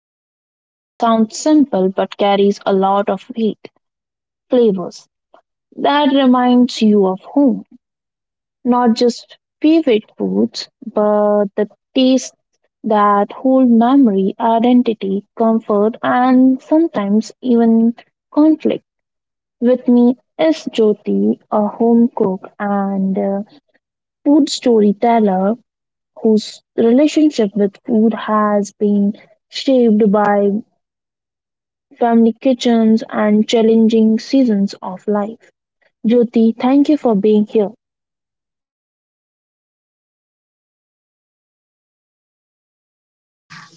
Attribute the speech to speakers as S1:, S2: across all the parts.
S1: something that sounds simple but carries a lot of weight. Flavors that reminds you of home. Not just favorite foods but the taste that hold memory, identity, comfort, and sometimes even conflict. With me is Jyoti, a home cook and food storyteller whose relationship with food has been shaped by family kitchens and challenging seasons of life. Jyoti, thank you for being here.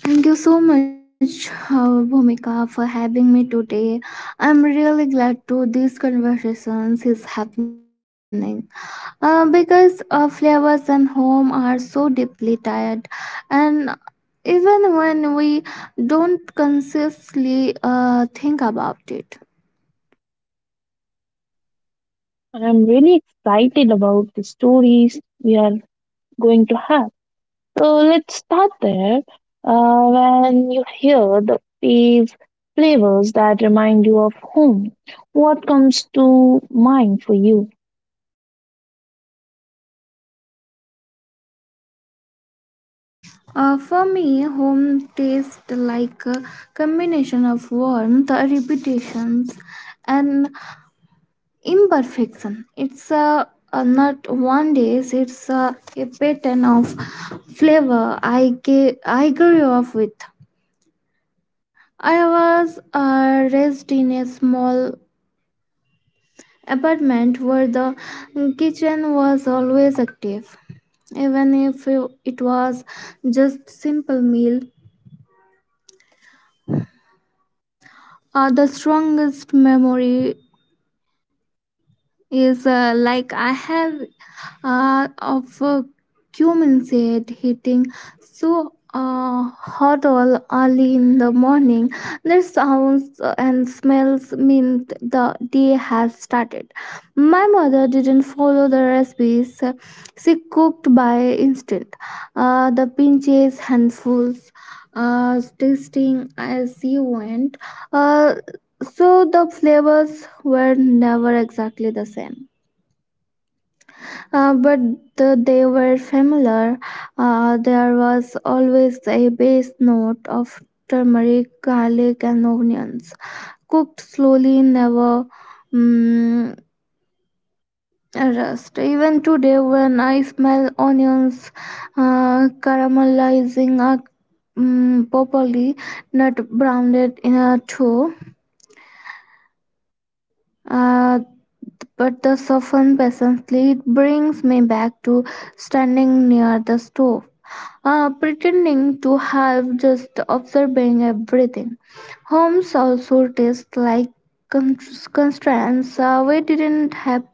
S2: Thank you so much, Bhumika, for having me today. I'm really glad to these conversations is happening because flavors and home are so deeply tied, and even when we don't consciously think about it.
S1: I'm really excited about the stories we are going to have. So let's start there. When you hear the fave flavors that remind you of home, what comes to mind for you?
S2: For me, home tastes like a combination of warmth, repetitions, and imperfection. It's a not one days. It's a pattern of flavor I grew up with. I was raised in a small apartment where the kitchen was always active even if it was just simple meal. The strongest memory is like I have of cumulated hitting so hot all early in the morning. The sounds and smells meant the day has started. My mother didn't follow the recipes; she cooked by instinct. The pinches handfuls. Tasting as she went, uh, so the flavors were never exactly the same, but they were familiar. There was always a base note of turmeric, garlic, and onions, cooked slowly, never mm rust. Even today, when I smell onions caramelizing properly, not browned in a dough, uh, but the softened patiently brings me back to standing near the stove, pretending to help, just observing everything. Homes also taste like con- constraints. We didn't have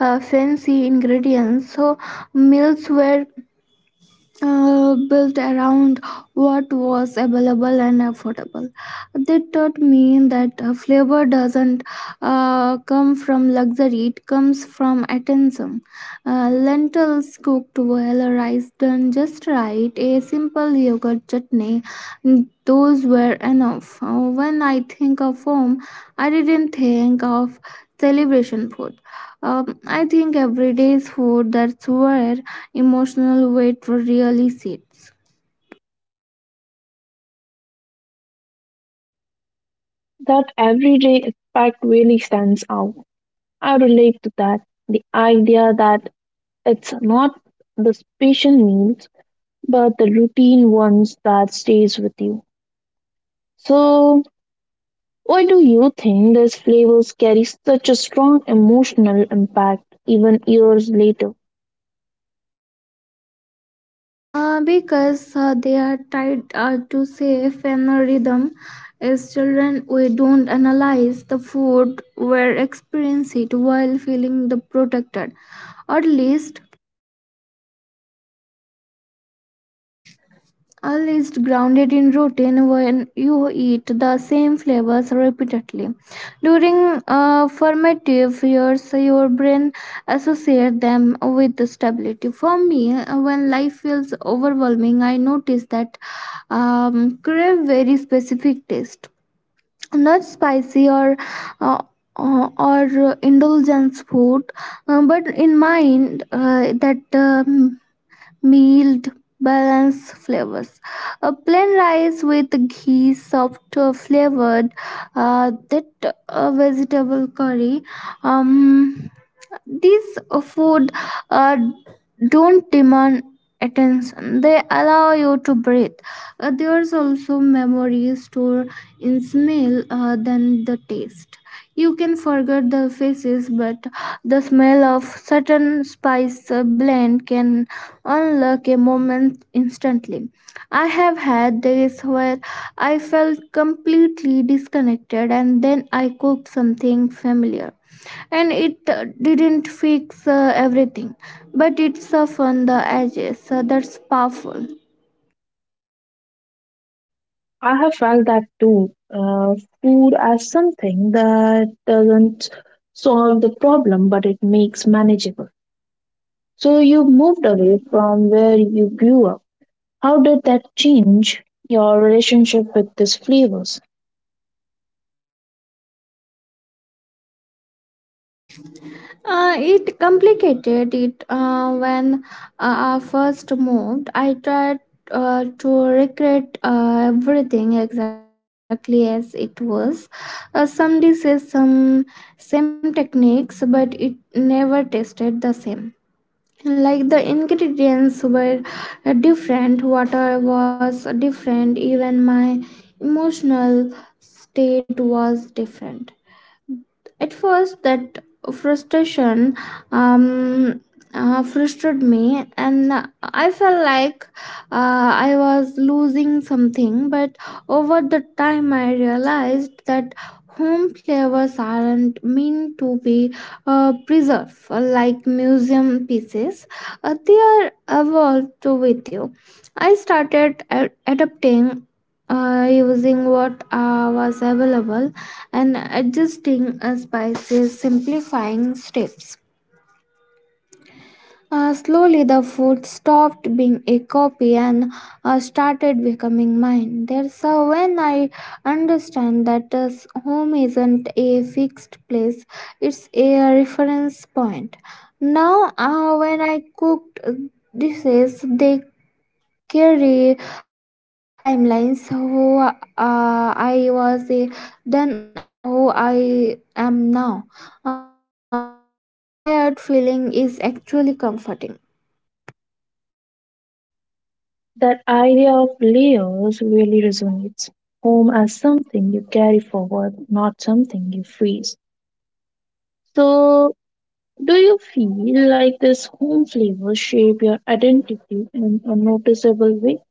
S2: fancy ingredients, so meals were built around what was available and affordable. That taught me that flavor doesn't come from luxury, it comes from attention. Lentils cooked well, rice done just right, a simple yogurt chutney, those were enough. When I think of home, I didn't think of celebration food. I think everyday's food that's where emotional weight really sits.
S1: That everyday aspect really stands out. I relate to that. The idea that it's not the special meals, but the routine ones that stays with you. So, why do you think these flavors carry such a strong emotional impact even years later?
S2: Because they are tied to safe and a rhythm. As children, we don't analyze the food, we experience it while feeling the protected, or at least all is grounded in routine when you eat the same flavors repeatedly. During formative years, your brain associates them with the stability. For me, when life feels overwhelming, I notice that crave very specific taste, not spicy or. Uh, or indulgence food, but in mind that mild, balanced flavors. A plain rice with ghee, soft flavored, that vegetable curry. Um, these food uh, don't demand attention. They allow you to breathe. There's also memories stored in smell than the taste. You can forget the faces, but the smell of certain spice blend can unlock a moment instantly. I have had days where I felt completely disconnected, and then I cooked something familiar and it didn't fix everything, but it softened the edges. That's powerful.
S1: I have felt that too. Food as something that doesn't solve the problem, but it makes manageable. So you moved away from where you grew up. How did that change your relationship with these flavors?
S2: It complicated it when I first moved I tried to recreate everything exactly as it was. Some dishes some same techniques but it never tasted the same, like the ingredients were different. Water was different. Even my emotional state was different. At first, that frustration um, frustrated me, and I felt like I was losing something. But over the time, I realized that home flavors aren't meant to be preserved like museum pieces. They are evolved with you. I started adapting. Using what was available and adjusting spices, simplifying steps. Slowly, the food stopped being a copy and started becoming mine. There's when I understand that home isn't a fixed place, it's a reference point. Now, when I cooked dishes, they carry two timelines who I was then and who I am now. That layered feeling is actually comforting.
S1: That idea of layers really resonates. Home as something you carry forward, not something you freeze. So, do you feel like this home flavors shape your identity in a noticeable way?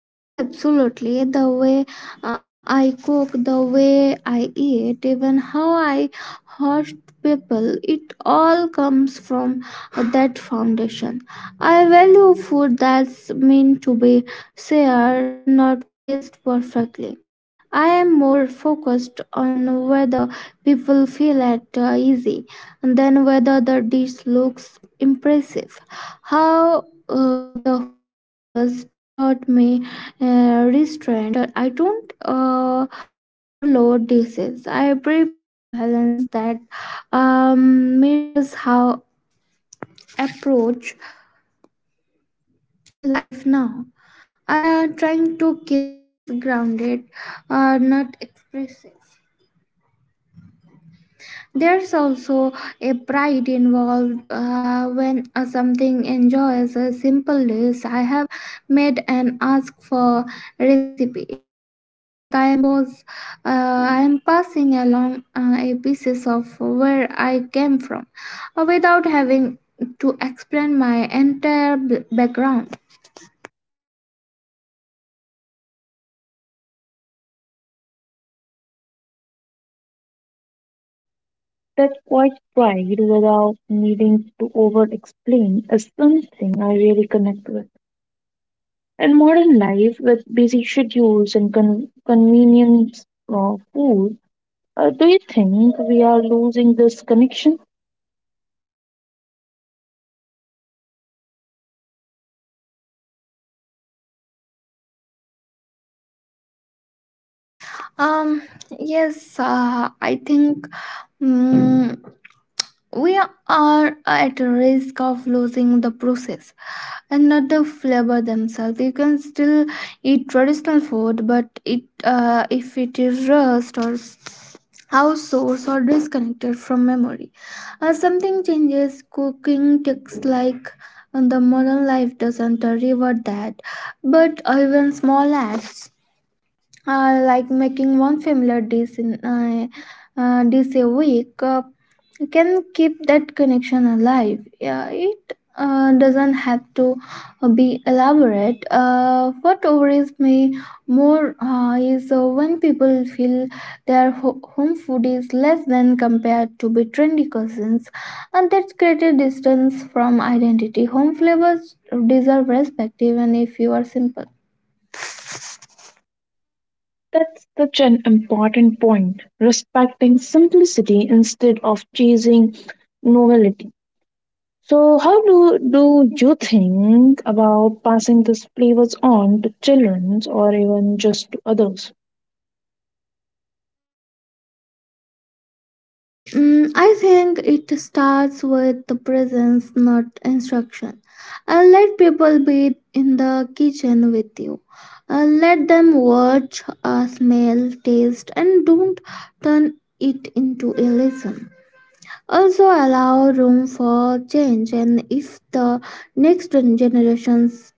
S2: Yes, absolutely. The way I cook, the way I eat, even how I host people, it all comes from that foundation. I value food that's meant to be shared, not placed perfectly. I am more focused on whether people feel at easy than whether the dish looks impressive. How the home flavors taught me restraint. I don't overload dishes. I prefer balance that mirrors how I approach life now. I am trying to keep things grounded, not expressive. There's also a pride involved when something enjoys a simple dish I have made and ask for recipe. It feels like I am passing along a pieces of where I came from, without having to explain my entire background.
S1: That quite pride without needing to over explain is something I really connect with. In modern life, with busy schedules and convenience of food, do you think we are losing this connection?
S2: Um. Yes. I think. mm We are at risk of losing the process and not the flavor themselves. You can still eat traditional food, but it if it is rust or outsourced or disconnected from memory, something changes. Cooking takes like and the modern life doesn't reward that, but even small acts like making one familiar dish in dish a week can keep that connection alive. Yeah, it doesn't have to be elaborate. What worries me more is when people feel their home food is less than compared to be trendy cousins, and that's created distance from identity. Home flavors deserve respect even if you are simple.
S1: That's such an important point. Respecting simplicity instead of chasing novelty. So, do you think about passing these flavors on to children or even just to others?
S2: I think it starts with the presence, not instruction. Let people be in the kitchen with you. Let them watch, smell, taste, and don't turn it into a lesson. Also, allow room for change, and if the next generations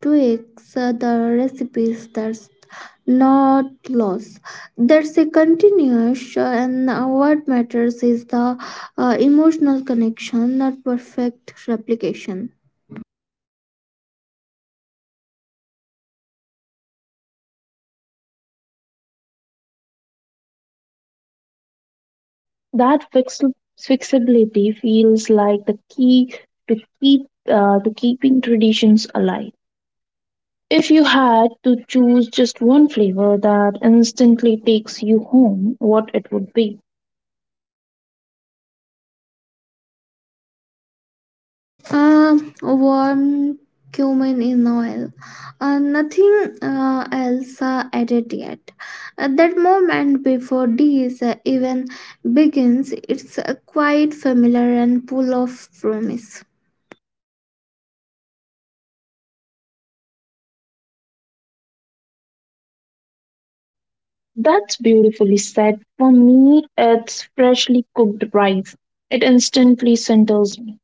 S2: tweaks the recipes, that's not loss, that's a continuous. And what matters is the emotional connection, not perfect replication.
S1: That fixability feels like the key to keep keeping traditions alive. If you had to choose just one flavor that instantly takes you home, what it would be?
S2: Warm cumin in oil, nothing else added yet. That moment before this even begins, it's quite familiar and full of promise.
S1: That's beautifully said. For me, it's freshly cooked rice. It instantly centers me.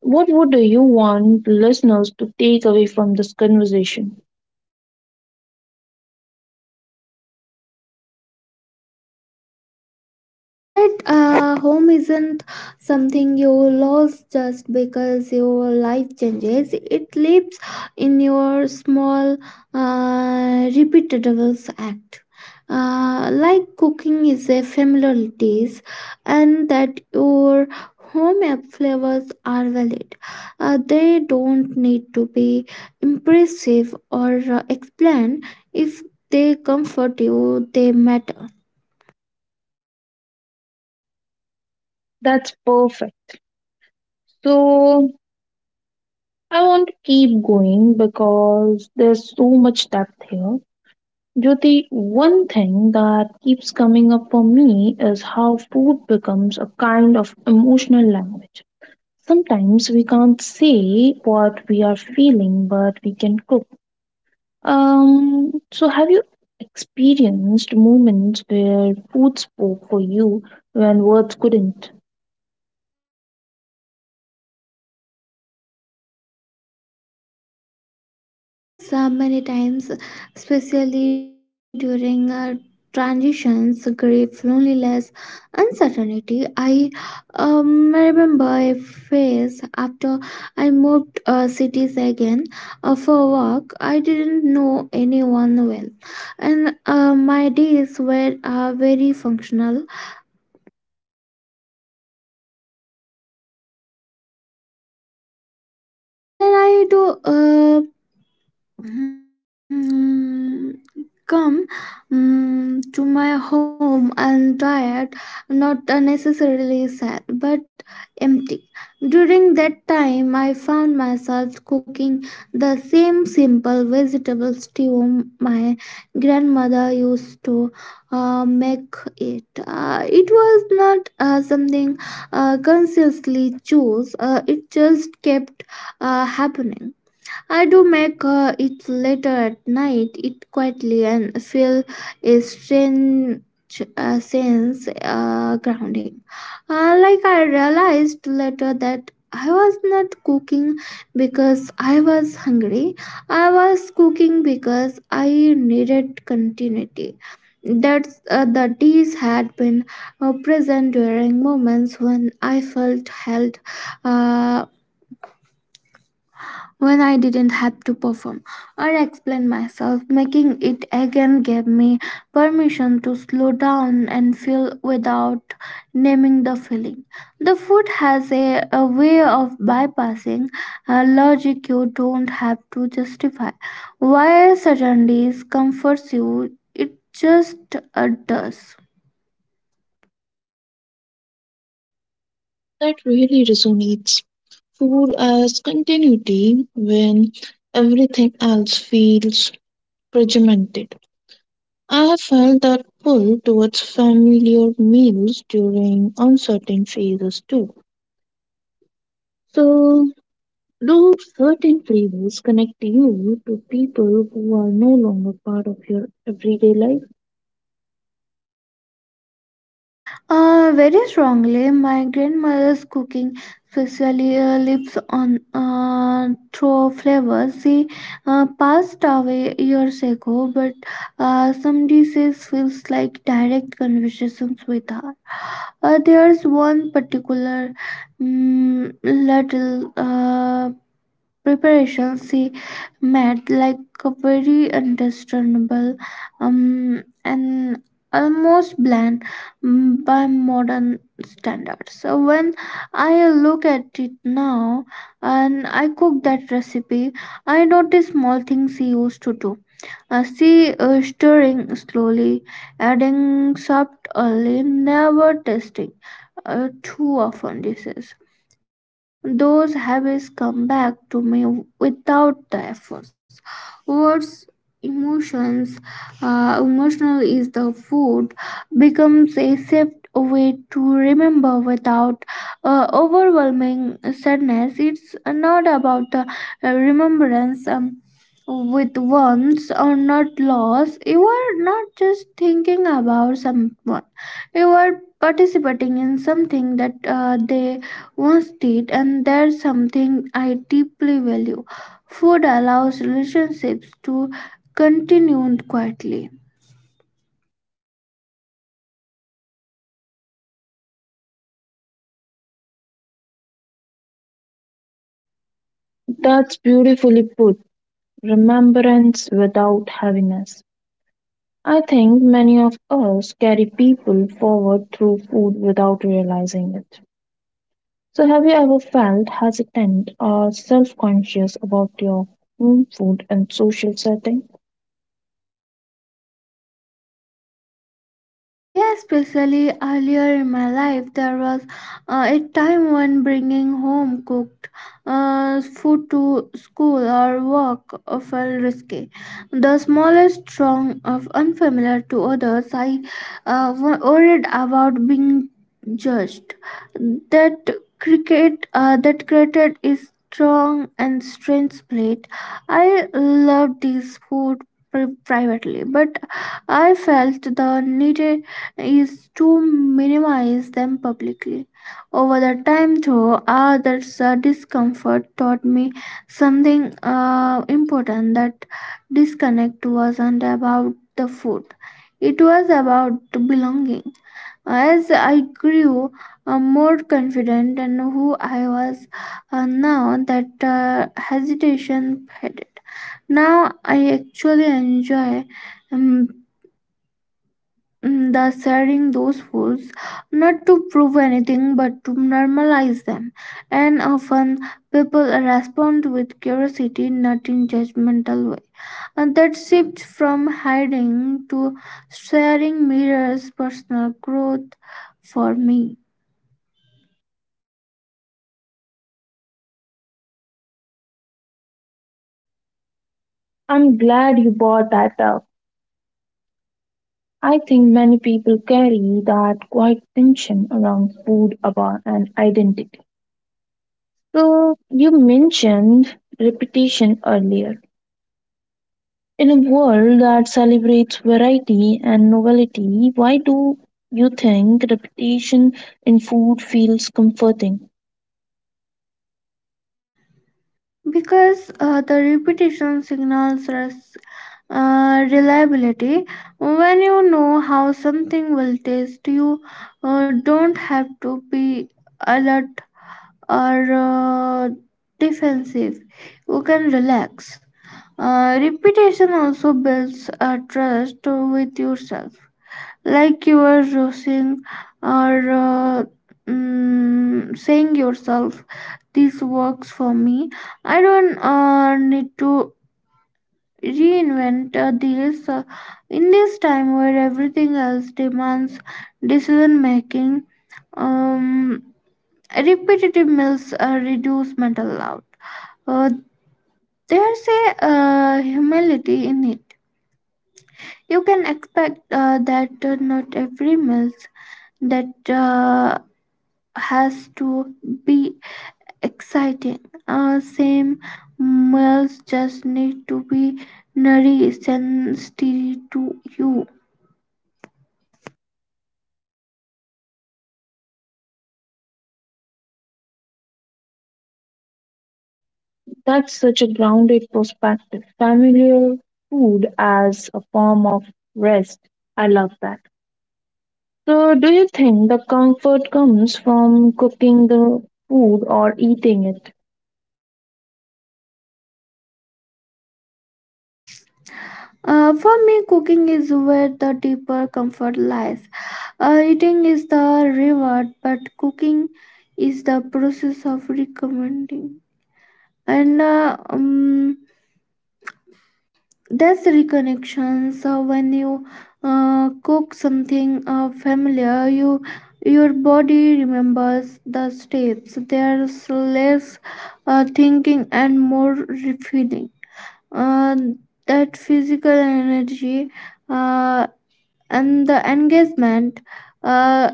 S1: What would you want the listeners to take away from this conversation?
S2: That home isn't something you lose just because your life changes. It lives in your small, repeatable act. Like cooking is a familiar dish, and that your home app flavors are valid. They don't need to be impressive or explained. If they comfort you, they matter.
S1: That's perfect. So, I want to keep going because there's so much depth here. Jyoti, one thing that keeps coming up for me is how food becomes a kind of emotional language. Sometimes we can't say what we are feeling, but we can cook. So, have you experienced moments where food spoke for you when words couldn't?
S2: Yes, many times, especially during transitions, grief, loneliness, uncertainty. I remember a phase after I moved cities again for work. I didn't know anyone well, and my days were very functional. And then I do. Mm, Come to my home and tired, not unnecessarily sad, but empty. During that time, I found myself cooking the same simple vegetable stew my grandmother used to make it. It was not something consciously chose, it just kept happening. I do make it later at night, it quietly and feel a strange sense grounding. Like I realized later that I was not cooking because I was hungry. I was cooking because I needed continuity. That the teas had been present during moments when I felt held, uh, when I didn't have to perform or explain myself. Making it again gave me permission to slow down and feel without naming the feeling. The food has a way of bypassing a logic you don't have to justify. Why suddenly comforts you, it just uh, does.
S1: That really resonates. Food as continuity when everything else feels regimented. I have felt that pull towards familiar meals during uncertain phases too. So, do certain flavors connect you to people who are no longer part of your everyday life?
S2: Very strongly. My grandmother's cooking, especially lips on through flavors. She passed away years ago, but some dishes feels like direct conversations with her. There's one particular mm little preparations he made like a very understandable, and almost bland, by modern standards. So when I look at it now and I cook that recipe, I notice small things he used to do, see stirring slowly, adding salt early, never tasting too often dishes. Those habits come back to me without the efforts. Words, emotions, emotional is the food becomes a safe way to remember without overwhelming sadness. It's not about the remembrance. With ones or not loss, you are not just thinking about someone, you are participating in something that they own state, and that's something I deeply value. Food allows relationships to continue quietly.
S1: That's beautifully put. Remembrance without heaviness. I think many of us carry people forward through food without realizing it. So, have you ever felt hesitant or self conscious about your home food and social setting?
S2: Yes, especially earlier in my life, there was a time when bringing home cooked food to school or work felt risky. The smallest strong of unfamiliar to others, I worried about being judged. That cricket that created is strong and strange plate. I loved this food privately, but I felt the need is to minimize them publicly. Over the time, though, others' discomfort taught me something important that disconnect wasn't about the food, it was about belonging. As I grew more confident in who I was now, that hesitation faded. Now I actually enjoy um, Mm, the sharing those foods not to prove anything but to normalize them, and often people respond with curiosity, not in judgmental way. And that shift from hiding to sharing mirrors personal growth for me,
S1: I'm glad you brought that up. I think many people carry that quiet tension around food about and identity. So you mentioned repetition earlier. In a world that celebrates variety and novelty, why do you think repetition in food feels comforting?
S2: because the repetition signals reliability. When you know how something will taste, you don't have to be alert or defensive, you can relax. Repetition also builds a trust with yourself, like you are using or saying yourself, "This works for me. I don't need to reinvent this in this time where everything else demands decision making." Um, Repetitive meals reduce mental load, uh, there's a humility in it. You can expect that not every meal that has to be exciting. Same meals just need to be nourished and steady to you.
S1: That's such a grounded perspective. Familiar food as a form of rest. I love that. So, do you think the comfort comes from cooking the food or eating it?
S2: For me, cooking is where the deeper comfort lies. Eating is the reward, but cooking is the process of recommending. And That's reconnection. So when you cook something familiar, your body remembers the steps. There's less thinking and more refilling. Uh, that physical energy uh, and the engagement, uh,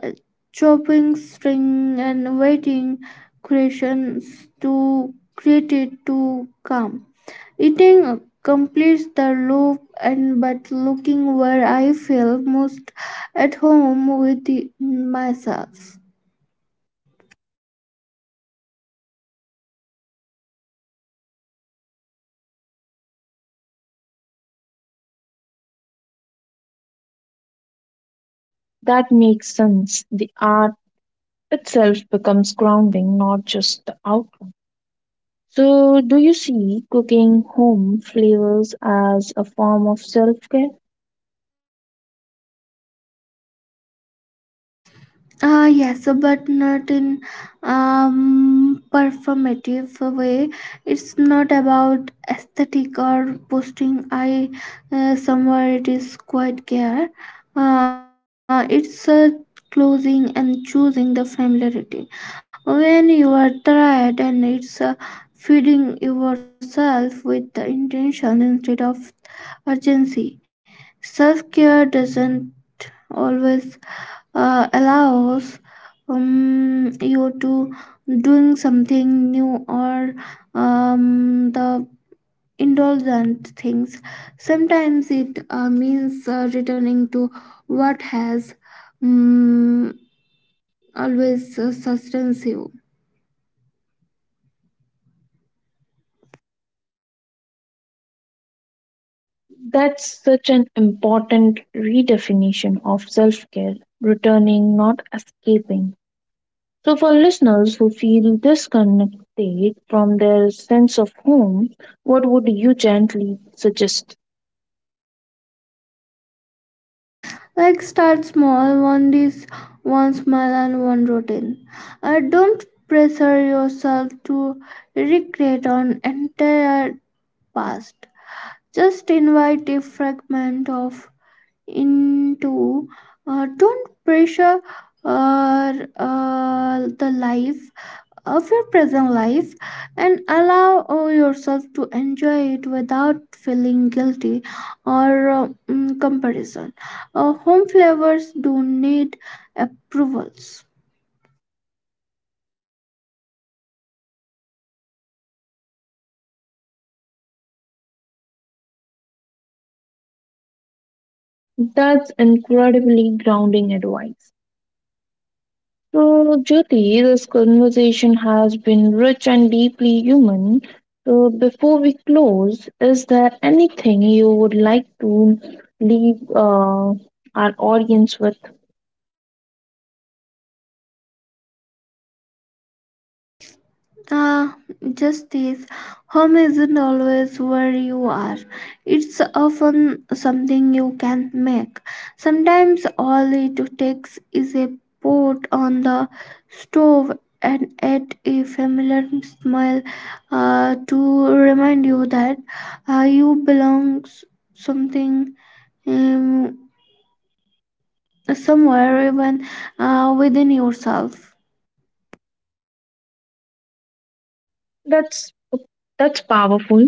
S2: chopping string and waiting creations to create it to come. Eating completes the loop, and but looking where I feel most at home with myself.
S1: That makes sense. The art itself becomes grounding, not just the outcome. So, do you see cooking home flavors as a form of self care?
S2: Yes, but not in performative way. It's not about aesthetic or posting. I somewhere it is quite care. It's Closing and choosing the familiarity. When you are tired and it's feeding yourself with the intention instead of urgency. Self care doesn't always allows you to doing something new or the indulgent things, sometimes it means returning to what has um, always sustains you.
S1: That's such an important redefinition of self care, returning, not escaping. So, for listeners who feel disconnected from their sense of home, what would you gently suggest?
S2: Like, start small, one dish, one smile and one routine. Don't pressure yourself to recreate an entire past. Just invite a fragment of into. Don't pressure uh, the life of your present life, and allow yourself to enjoy it without feeling guilty or comparison. Home flavors do need approvals.
S1: That's incredibly grounding advice. So, Jyoti, this conversation has been rich and deeply human. So, before we close, is there anything you would like to leave our audience with?
S2: Ah, justice. Home isn't always where you are. It's often something you can make. Sometimes all it takes is a pot on the stove and yet a familiar smile to remind you that you belong something, um, somewhere, even within yourself.
S1: That's that's powerful.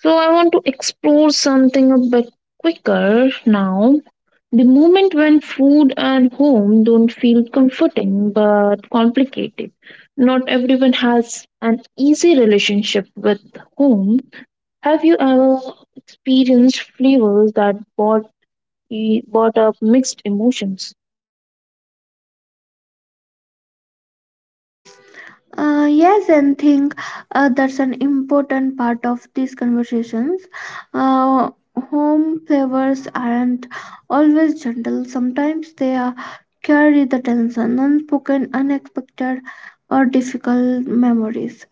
S1: So, I want to explore something a bit quicker now. The moment when food and home don't feel comforting but complicated. Not everyone has an easy relationship with home. Have you ever experienced flavors that brought up mixed emotions?
S2: Yes, and think that's an important part of these conversations. Uh, Home flavors aren't always gentle. Sometimes they are, carry the tension, unspoken, unexpected, or difficult memories.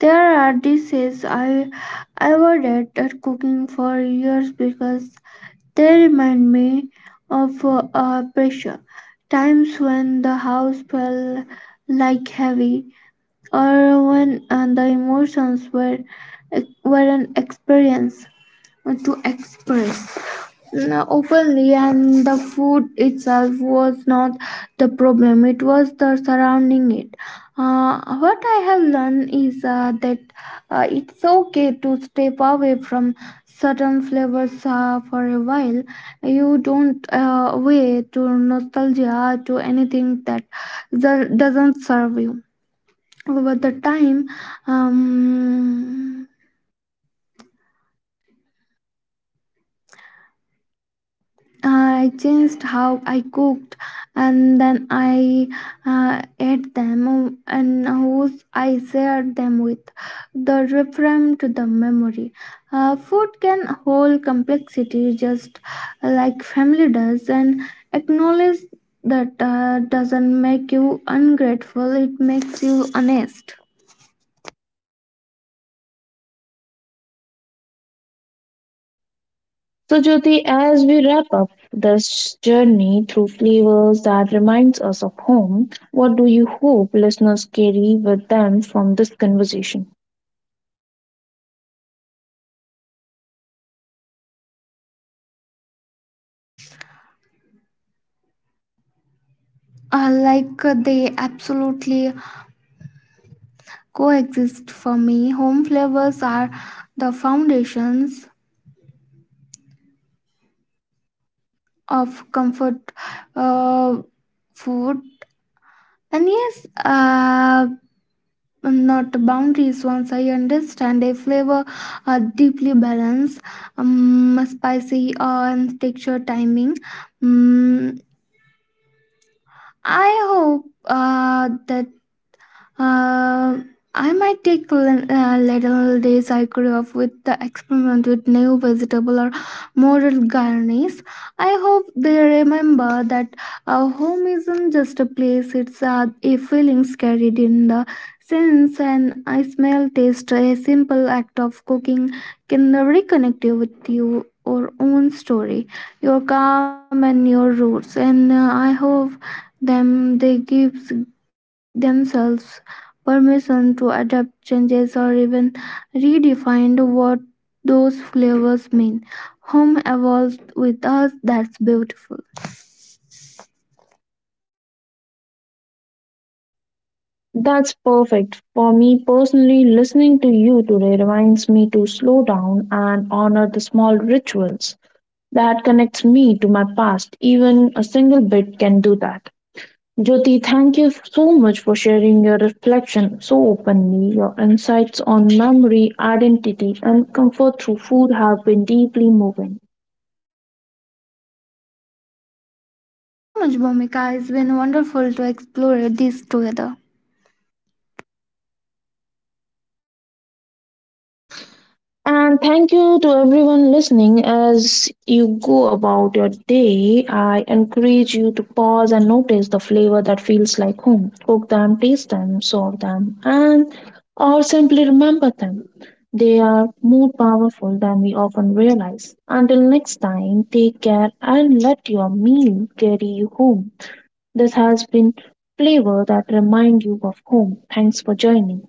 S2: There are dishes I avoided at cooking for years because they remind me of pressure. Times when the house felt like heavy, or when the emotions were weren't experienced to express openly, and the food itself was not the problem, it was the surrounding it. What I have learned is that it's okay to step away from certain flavors for a while. You don't weigh to nostalgia to anything that doesn't serve you. Over the time, um, I changed how I cooked, and then I ate them and whose I shared them with the reframed to the memory. Food can hold complexity just like family does, and acknowledge that doesn't make you ungrateful, it makes you honest.
S1: So, Jyoti, as we wrap up this journey through flavors that reminds us of home, what do you hope listeners carry with them from this conversation?
S2: They absolutely coexist for me. Home flavors are the foundations of comfort uh, food, and yes, not boundaries. Once I understand a flavor are deeply balanced, spicy and texture timing. Mm, I hope that Um, I might take little days I could off with the experiment with new vegetable or modern garnish. I hope they remember that our home isn't just a place; it's a feelings carried in the sense and I smell taste. A simple act of cooking can reconnect you with you. Your own story, your calm and your roots, and I hope them they give themselves permission to adapt, changes, or even redefine what those flavors mean. Home evolves with us, that's beautiful.
S1: That's perfect. For me personally, listening to you today reminds me to slow down and honor the small rituals that connects me to my past. Even a single bit can do that. Jyoti, thank you so much for sharing your reflection so openly. Your insights on memory, identity, and comfort through food have been deeply moving.
S2: Thank you so much, Bhumika. It's been wonderful to explore this together.
S1: And thank you to everyone listening as you go about your day. I encourage you to pause and notice the flavor that feels like home. Cook them, taste them, serve them, and or simply remember them. They are more powerful than we often realize. Until next time, take care and let your meal carry you home. This has been flavor that remind you of home. Thanks for joining.